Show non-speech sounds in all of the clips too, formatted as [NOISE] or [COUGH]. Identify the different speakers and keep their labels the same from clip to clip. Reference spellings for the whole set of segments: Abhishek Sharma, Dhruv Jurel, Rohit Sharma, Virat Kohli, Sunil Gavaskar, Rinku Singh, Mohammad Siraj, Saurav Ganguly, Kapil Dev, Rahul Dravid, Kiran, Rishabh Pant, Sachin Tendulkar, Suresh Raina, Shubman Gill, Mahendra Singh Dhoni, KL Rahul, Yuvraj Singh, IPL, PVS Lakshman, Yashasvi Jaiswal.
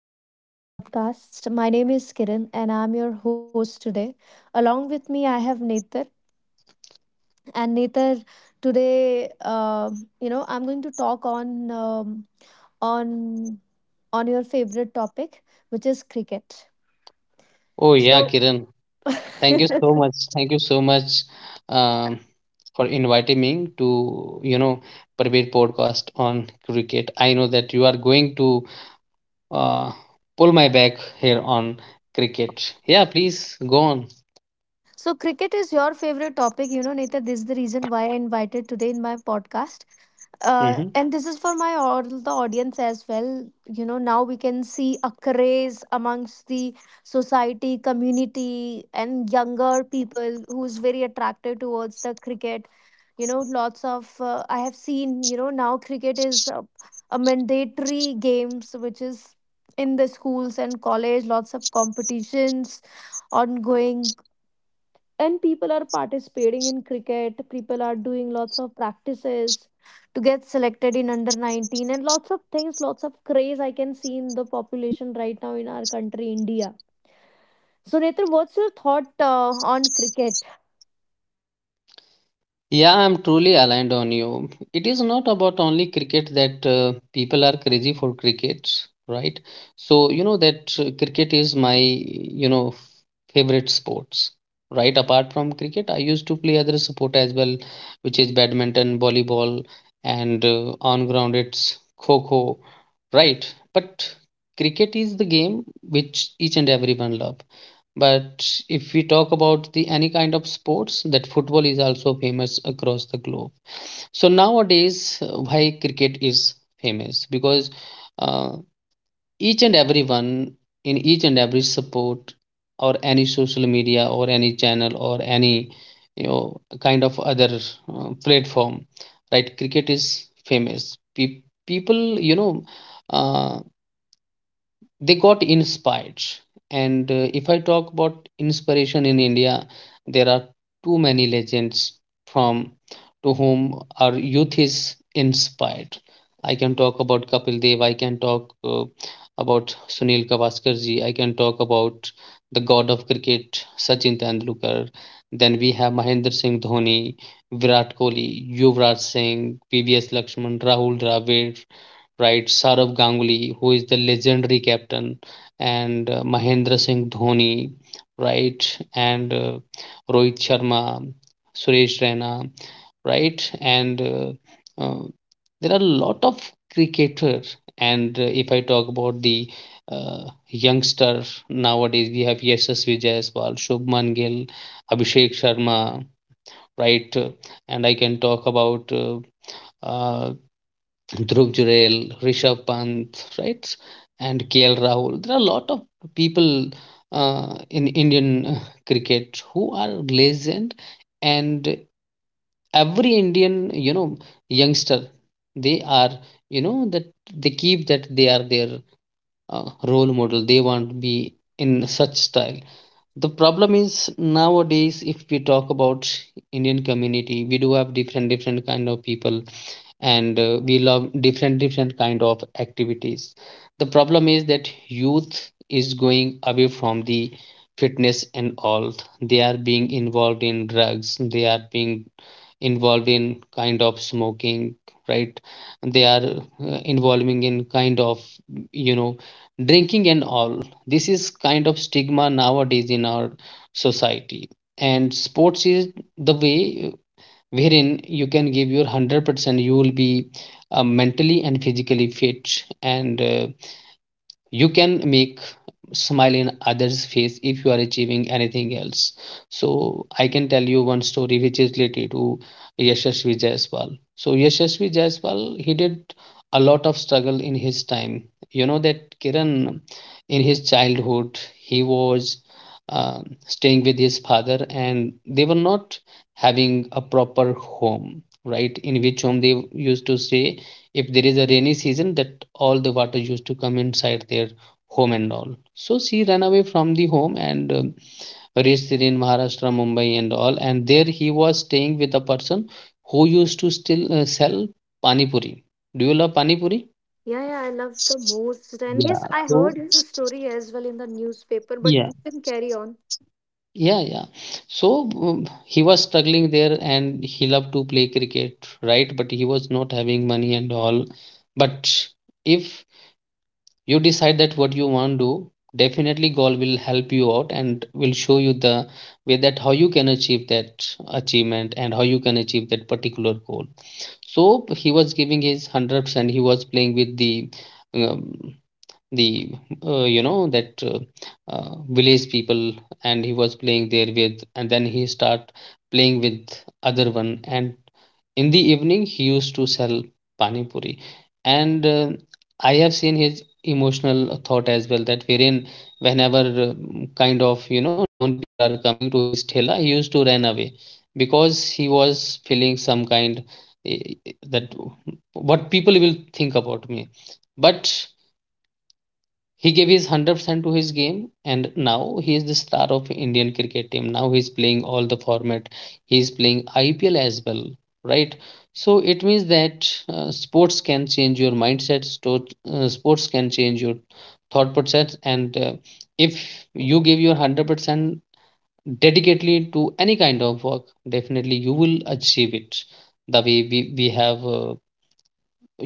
Speaker 1: welcome back in my podcast. My name is Kiran and I'm your host today. Along with me, I have Nathan. And Nathan, today, I'm going to talk on on your favorite topic, which is cricket.
Speaker 2: Oh yeah,
Speaker 1: So,
Speaker 2: Kiran. Thank you so much.
Speaker 1: [LAUGHS]
Speaker 2: Thank you so much um, for inviting me to, you know, prepare podcast on cricket. I know that you are going to uh, pull my back here on cricket. Yeah, please go on.
Speaker 1: so cricket is your favorite topic. You know, Nathan, this is the reason why I invited today in my podcast
Speaker 2: Mhm.
Speaker 1: and this is for my all the audience as well, you know, now we can see a craze amongst the society, community and younger people who's very attracted towards the cricket, you know, lots of I have seen, you know, now cricket is a mandatory games which is in the schools and college, lots of competitions ongoing, and people are participating in cricket, people are doing lots of practices to get selected in under 19 and lots of things, lots of craze I can see in the population right now in our country India. So Netra, what's your thought on cricket?
Speaker 2: Yeah, I'm truly aligned on you. It is not about only cricket that people are crazy for cricket, right? So, you know that cricket is my, you know, favorite sports, right? Apart from cricket, I used to play other sport as well, which is badminton, volleyball, and on ground it's kho-kho, right? But cricket is the game which each and everyone love. But if we talk about the any kind of sports, that football is also famous across the globe. So nowadays, why cricket is famous? Because uh, each and everyone in each and every support or any social media or any channel or any you know kind of other platform, right? Cricket is famous. People, you know, uh, they got inspired, and if I talk about inspiration in India, there are too many legends from to whom our youth is inspired. I can talk about Kapil Dev, I can talk about Sunil Gavaskar ji, I can talk about the god of cricket Sachin Tendulkar, then we have Mahendra Singh Dhoni, Virat Kohli, Yuvraj Singh, PVS Lakshman, Rahul Dravid, right? Saurav Ganguly, who is the legendary captain, and Mahendra Singh Dhoni, right? And Rohit Sharma, Suresh Raina, right? And There are a lot of cricketers. And if I talk about the uh, youngster nowadays, we have Yashasvi Jaiswal, Shubman Gill, Abhishek Sharma, right? And I can talk about uh, Dhruv Jurel, Rishabh Pant, right, and KL Rahul. There are a lot of people in Indian cricket who are legend, and every Indian, you know, youngster, they are, you know, that they keep that they are their role model. They want to be in such style. The problem is nowadays if we talk about Indian community, we do have different different kind of people, and we love different different kind of activities. The problem is that youth is going away from the fitness and all. They are being involved in drugs. They are being involved in kind of smoking, right? They are involving in kind of you know drinking and all. This is kind of stigma nowadays in our society, and sports is the way wherein you can give your 100%. You will be mentally and physically fit, and you can make smile in others face if you are achieving anything else. So I can tell you one story which is related to Yashasvi Jaiswal. So Yashasvi Jaiswal, he did a lot of struggle in his time. You know that, Kiran, in his childhood he was uh, staying with his father, and they were not having a proper home, right? In which home they used to stay, if there is a rainy season, that all the water used to come inside their home and all. So she ran away from the home and reached there in Maharashtra, Mumbai and all, and there he was staying with a person who used to still sell pani puri. Do you love pani puri?
Speaker 1: Yeah, yeah, I love the most. And yes,
Speaker 2: Yeah,
Speaker 1: I
Speaker 2: so
Speaker 1: heard his story as well in the newspaper, but
Speaker 2: yeah,
Speaker 1: you can carry on.
Speaker 2: yeah, yeah. So um, he was struggling there and he loved to play cricket, right? But he was not having money and all. But if you decide that what you want to do, definitely goal will help you out and will show you the way that how you can achieve that achievement and how you can achieve that particular goal. So he was giving his 100%. He was playing with the um, the you know that village people, and he was playing there with, and then he start playing with other one, and in the evening he used to sell pani puri. And I have seen his emotional thought as well, that wherein whenever kind of you know known people are coming to his thela, he used to run away because he was feeling some kind eh, that what people will think about me. But he gave his 100% to his game, and now he is the star of Indian cricket team. Now he is playing all the format. He is playing IPL as well, right? So it means that sports can change your mindset. Sports can change your thought process, and if you give your 100% dedicatedly to any kind of work, definitely you will achieve it. The way we have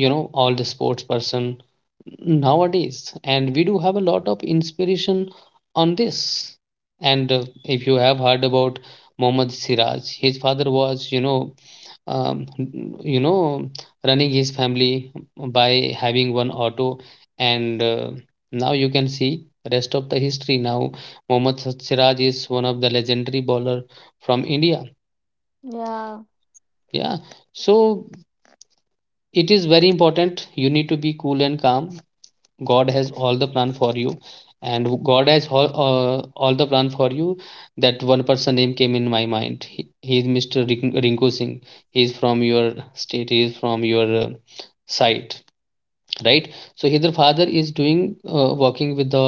Speaker 2: you know all the sports person nowadays, and we do have a lot of inspiration on this. And if you have heard about Mohammad Siraj, his father was um, you know running his family by having one auto. And now you can see rest of the history. Now Mohammad Siraj is one of the legendary bowler from India.
Speaker 1: Yeah.
Speaker 2: Yeah, so it is very important. You need to be cool and calm. God has all the plan for you, and God has all the plan for you. That one person name came in my mind. He is Mr. Rinku Singh. He is from your state. He is from your side, right? So his father is doing working with the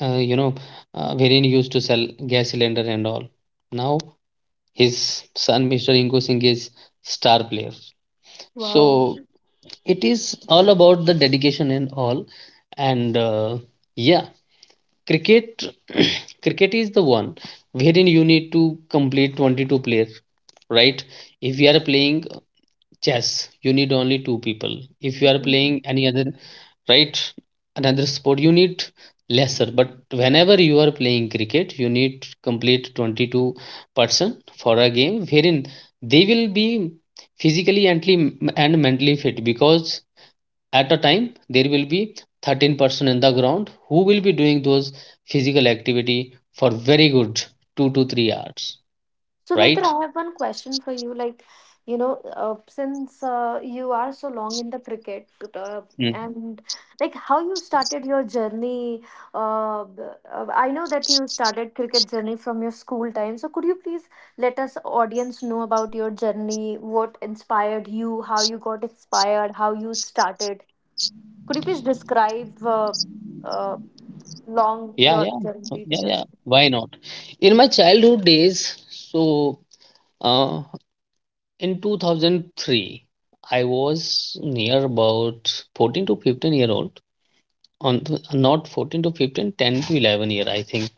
Speaker 2: you know wherein he used to sell gas cylinder and all. Now his son Mr. Rinku Singh is star player. So it is all about the dedication and all, and yeah. Cricket, [CLEARS THROAT] cricket is the one wherein you need to complete 22 players, right? If you are playing chess, you need only two people. If you are
Speaker 1: Wow.
Speaker 2: playing any other, right, another sport, you need lesser. But whenever you are playing cricket, you need to complete 22 person for a game wherein they will be physically and mentally fit, because at a time there will be 13 person in the ground who will be doing those physical activity for very good 2 to 3 hours,
Speaker 1: So, Nitra,
Speaker 2: right?
Speaker 1: I have one question for you. Like, you know, since you are so long in the cricket, uh,
Speaker 2: Mm.
Speaker 1: and like how you started your journey, uh, b- I know that you started cricket journey from your school time. So, could you please let us audience know about your journey? What inspired you? How you got inspired? How you started? Could you please describe uh, long
Speaker 2: Yeah,
Speaker 1: your
Speaker 2: yeah. So,
Speaker 1: journey
Speaker 2: yeah,
Speaker 1: with
Speaker 2: yeah,
Speaker 1: us?
Speaker 2: why not? In my childhood days, so uh, in 2003 I was near about 14 to 15 year old. on th- Not 14 to 15, 10 to 11 year, I think.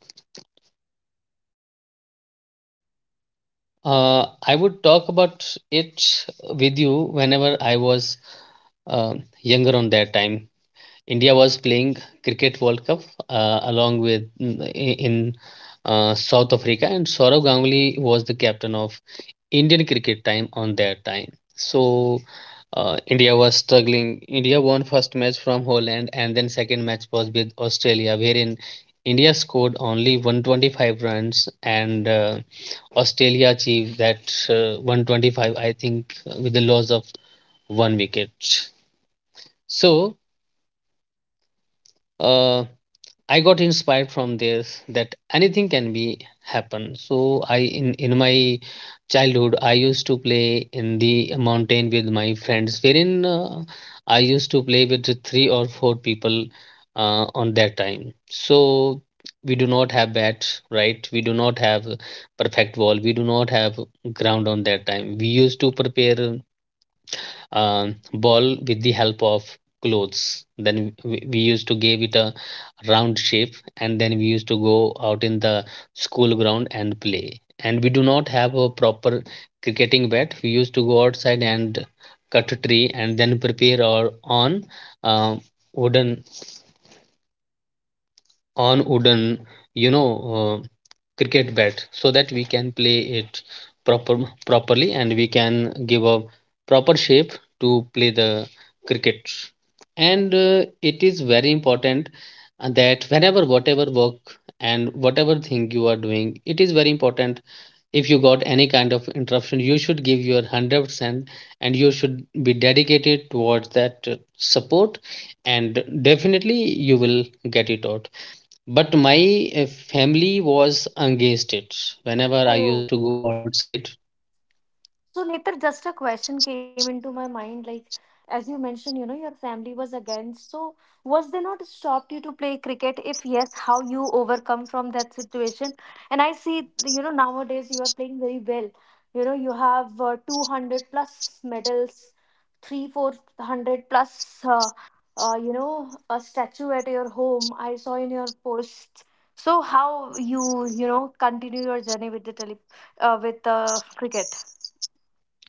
Speaker 2: I would talk about it with you. Whenever I was uh, younger on that time, India was playing Cricket World Cup along with in South Africa, and Saurav Ganguly was the captain of Indian cricket time on that time. So India was struggling. India won first match from Holland, and then second match was with Australia, wherein India scored only 125 runs and. Australia achieved that 125, I think, with the loss of one wicket. So, uh, I got inspired from this that anything can be happen. So I in my childhood I used to play in the mountain with my friends, wherein I used to play with the three or four people on that time. So we do not have bats, right? We do not have perfect wall. We do not have ground on that time. We used to prepare ball with the help of clothes, then we used to give it a round shape, and then we used to go out in the school ground and play. And we do not have a proper cricketing bat. We used to go outside and cut a tree, and then prepare our own uh, wooden wooden you know uh, cricket bat so that we can play it proper properly, and we can give a proper shape to play the cricket. And it is very important that whenever whatever work and whatever thing you are doing, it is very important. If you got any kind of interruption, you should give your 100%, and you should be dedicated towards that support, and definitely you will get it out. But my family was against it. Whenever I
Speaker 1: Oh.
Speaker 2: used to go outside,
Speaker 1: So, Netar, just a question came into my mind. Like, as you mentioned, you know, your family was against. So, was they not stopped you to play cricket? If yes, how you overcome from that situation? And I see, you know, nowadays you are playing very well. You know, you have 200 plus medals, three, 400 plus, you know, a statue at your home. I saw in your post. So, how you, you know, continue your journey with the tele, with cricket?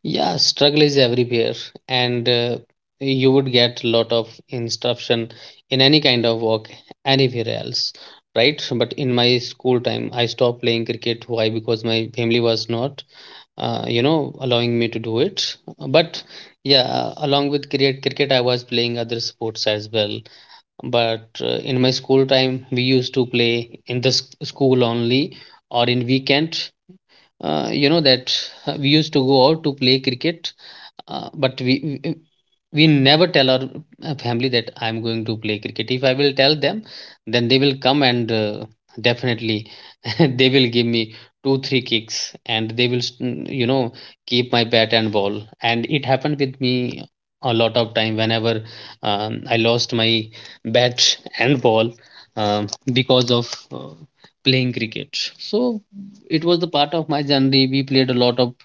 Speaker 2: yeah, struggle is everywhere. And you would get a lot of instruction in any kind of work anywhere else, right? But in my school time, I stopped playing cricket. Why? Because my family was not, you know, allowing me to do it. But yeah, along with cricket, I was playing other sports as well. But in my school time we used to play in the school only, or in weekend. You know that we used to go out to play cricket. But we never tell our family that I'm going to play cricket. If I will tell them, then they will come and, definitely, [LAUGHS] they will give me two three kicks, and they will keep my bat and ball. And it happened with me a lot of time. Whenever I lost my bat [LAUGHS] and ball um, because of uh, playing cricket. So it was the part of my journey. We played a lot of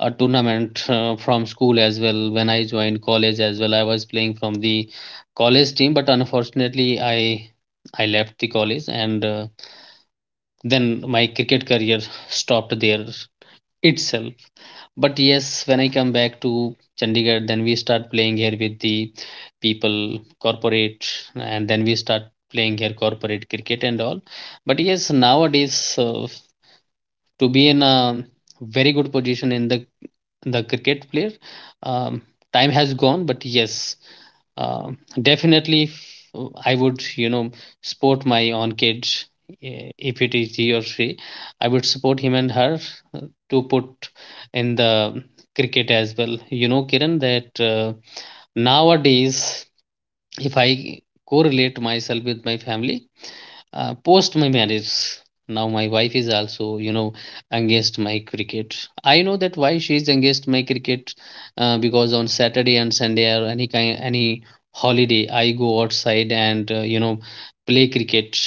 Speaker 2: tournament, from school as well. When I joined college as well, I was playing from the college team, but unfortunately I left the college. And then my cricket career stopped there itself. But yes, when I come back to Chandigarh, then we start playing here with the people, corporate, and then we start playing here corporate cricket and all. But yes, nowadays, to be in a very good position in the cricket player. Um, Time has gone, but yes, definitely, I would, you know, support my own kid, if it is he or she. I would support him and her uh, to put in the cricket as well. You know, Kiran, that nowadays, if I correlate myself with my family, post my marriage, now my wife is also, you know, against my cricket. I know that why she is against my cricket. Because on Saturday and Sunday or any kind, any holiday, I go outside and, you know, play cricket,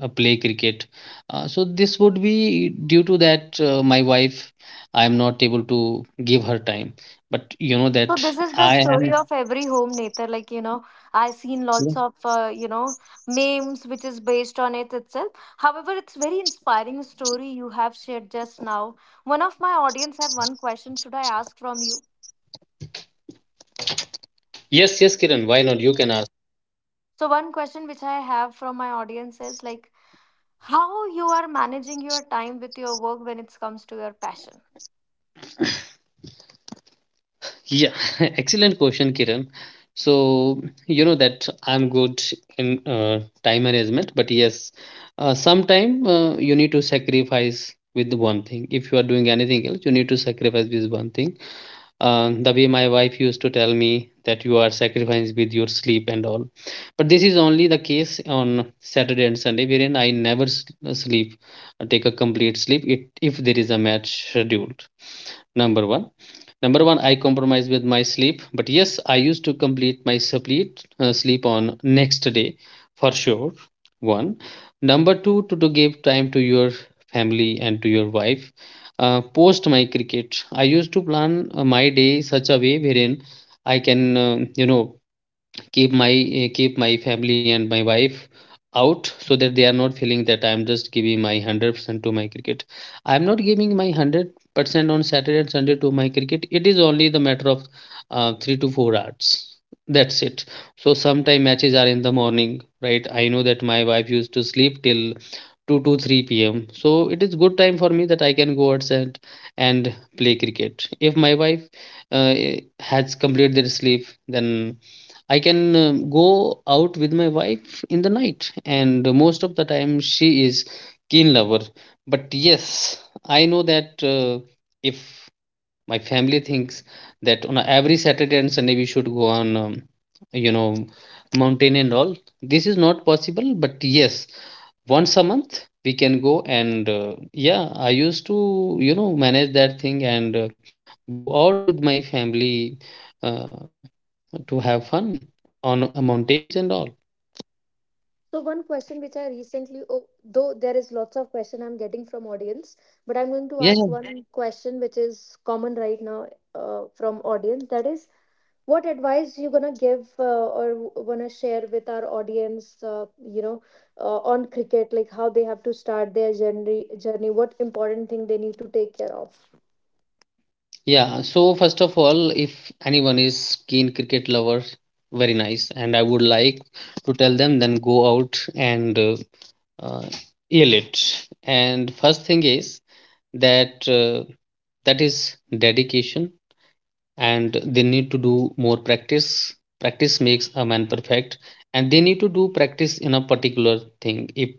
Speaker 2: uh, play cricket so this would be due to that. My wife, I am not able to give her time, but you know
Speaker 1: So
Speaker 2: that
Speaker 1: this is the
Speaker 2: I
Speaker 1: story
Speaker 2: am.
Speaker 1: of every home, Nether. Like you know, I've seen lots of you know memes which is based on it itself. However, it's very inspiring story you have shared just now. One of my audience have one question. Should I ask from you?
Speaker 2: Yes, yes, Kiran, why not? You can ask.
Speaker 1: So one question which I have from my audience is like how you are managing your time with your work when it comes to your passion.
Speaker 2: Yeah, [LAUGHS] excellent question, Kiran. So, you know that I'm good in time management, but yes, sometime you need to sacrifice with one thing. If you are doing anything else, you need to sacrifice with one thing. The way my wife used to tell me that you are sacrificing with your sleep and all. But this is only the case on Saturday and Sunday, wherein I never sleep, take a complete sleep it, if there is a match scheduled. Number one. Number one, I compromise with my sleep, but yes, I used to complete my supplete, sleep on next day, for sure. One. Number two, to give time to your family and to your wife. Post my cricket, I used to plan my day such a way wherein I can, you know, keep my keep my family and my wife out, so that they are not feeling that I'm just giving my 100% to my cricket. I'm not giving my 100% on Saturday and Sunday to my cricket. It is only the matter of 3 to 4 hours, that's it. So sometime matches are in the morning, right? I know that my wife used to sleep till 2 to 3 p.m, so it is good time for me that I can go outside and play cricket. If my wife uh, has completed their sleep, then I can, go out with my wife in the night. And most of the time she is keen lover. But yes, I know that if my family thinks that on every Saturday and Sunday we should go on, you know, mountain and all, this is not possible. But yes, once a month we can go, and, yeah, I used to, you know, manage that thing and, go out with my family. Uh, to have fun on mountains and all.
Speaker 1: So one question which I recently, oh, though there is lots of question I'm getting from audience, but I'm going to
Speaker 2: Yeah, yeah.
Speaker 1: ask one question which is common right now from audience. That is, what advice you gonna give or wanna share with our audience? You know, on cricket, like how they have to start their journey. Journey, what important thing they need to take care of.
Speaker 2: Yeah, so first of all, if anyone is keen cricket lover, very nice, and I would like to tell them, then go out and, uh, yell it. And first thing is that, that is dedication, and they need to do more practice. Practice makes a man perfect. And they need to do practice in a particular thing. If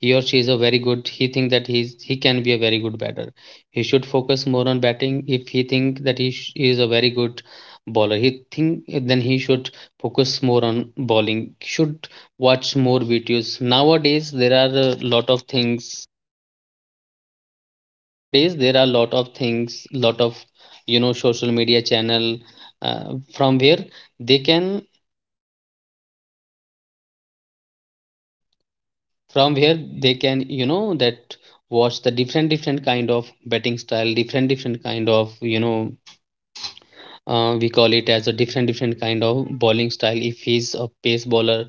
Speaker 2: he or she is a very good, he think that he can be a very good batter, he should focus more on batting. If he think that is a very good bowler, he think, then he should focus more on bowling. Should watch more videos. Nowadays there are a lot of things. Nowadays there are a lot of things Lot of, you know, social media channel, from where they can, you know that, watch the different different kind of batting style, different different kind of, you know, we call it as a different different kind of bowling style, if he's a pace bowler.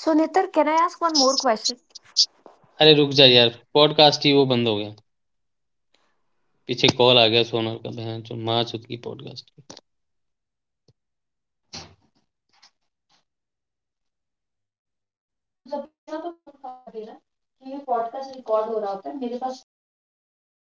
Speaker 1: So, Nitar, can I ask one more question?
Speaker 2: बंद हो गया। पीछे call आ गया सोनल का बहन जो माँ चुकी पॉडकास्ट। तो जब भी ऐसा तो फोन काट दे रहा है कि ये पॉडकास्ट रिकॉर्ड हो रहा होता है मेरे पास टाइमिंग चल रहा होता है।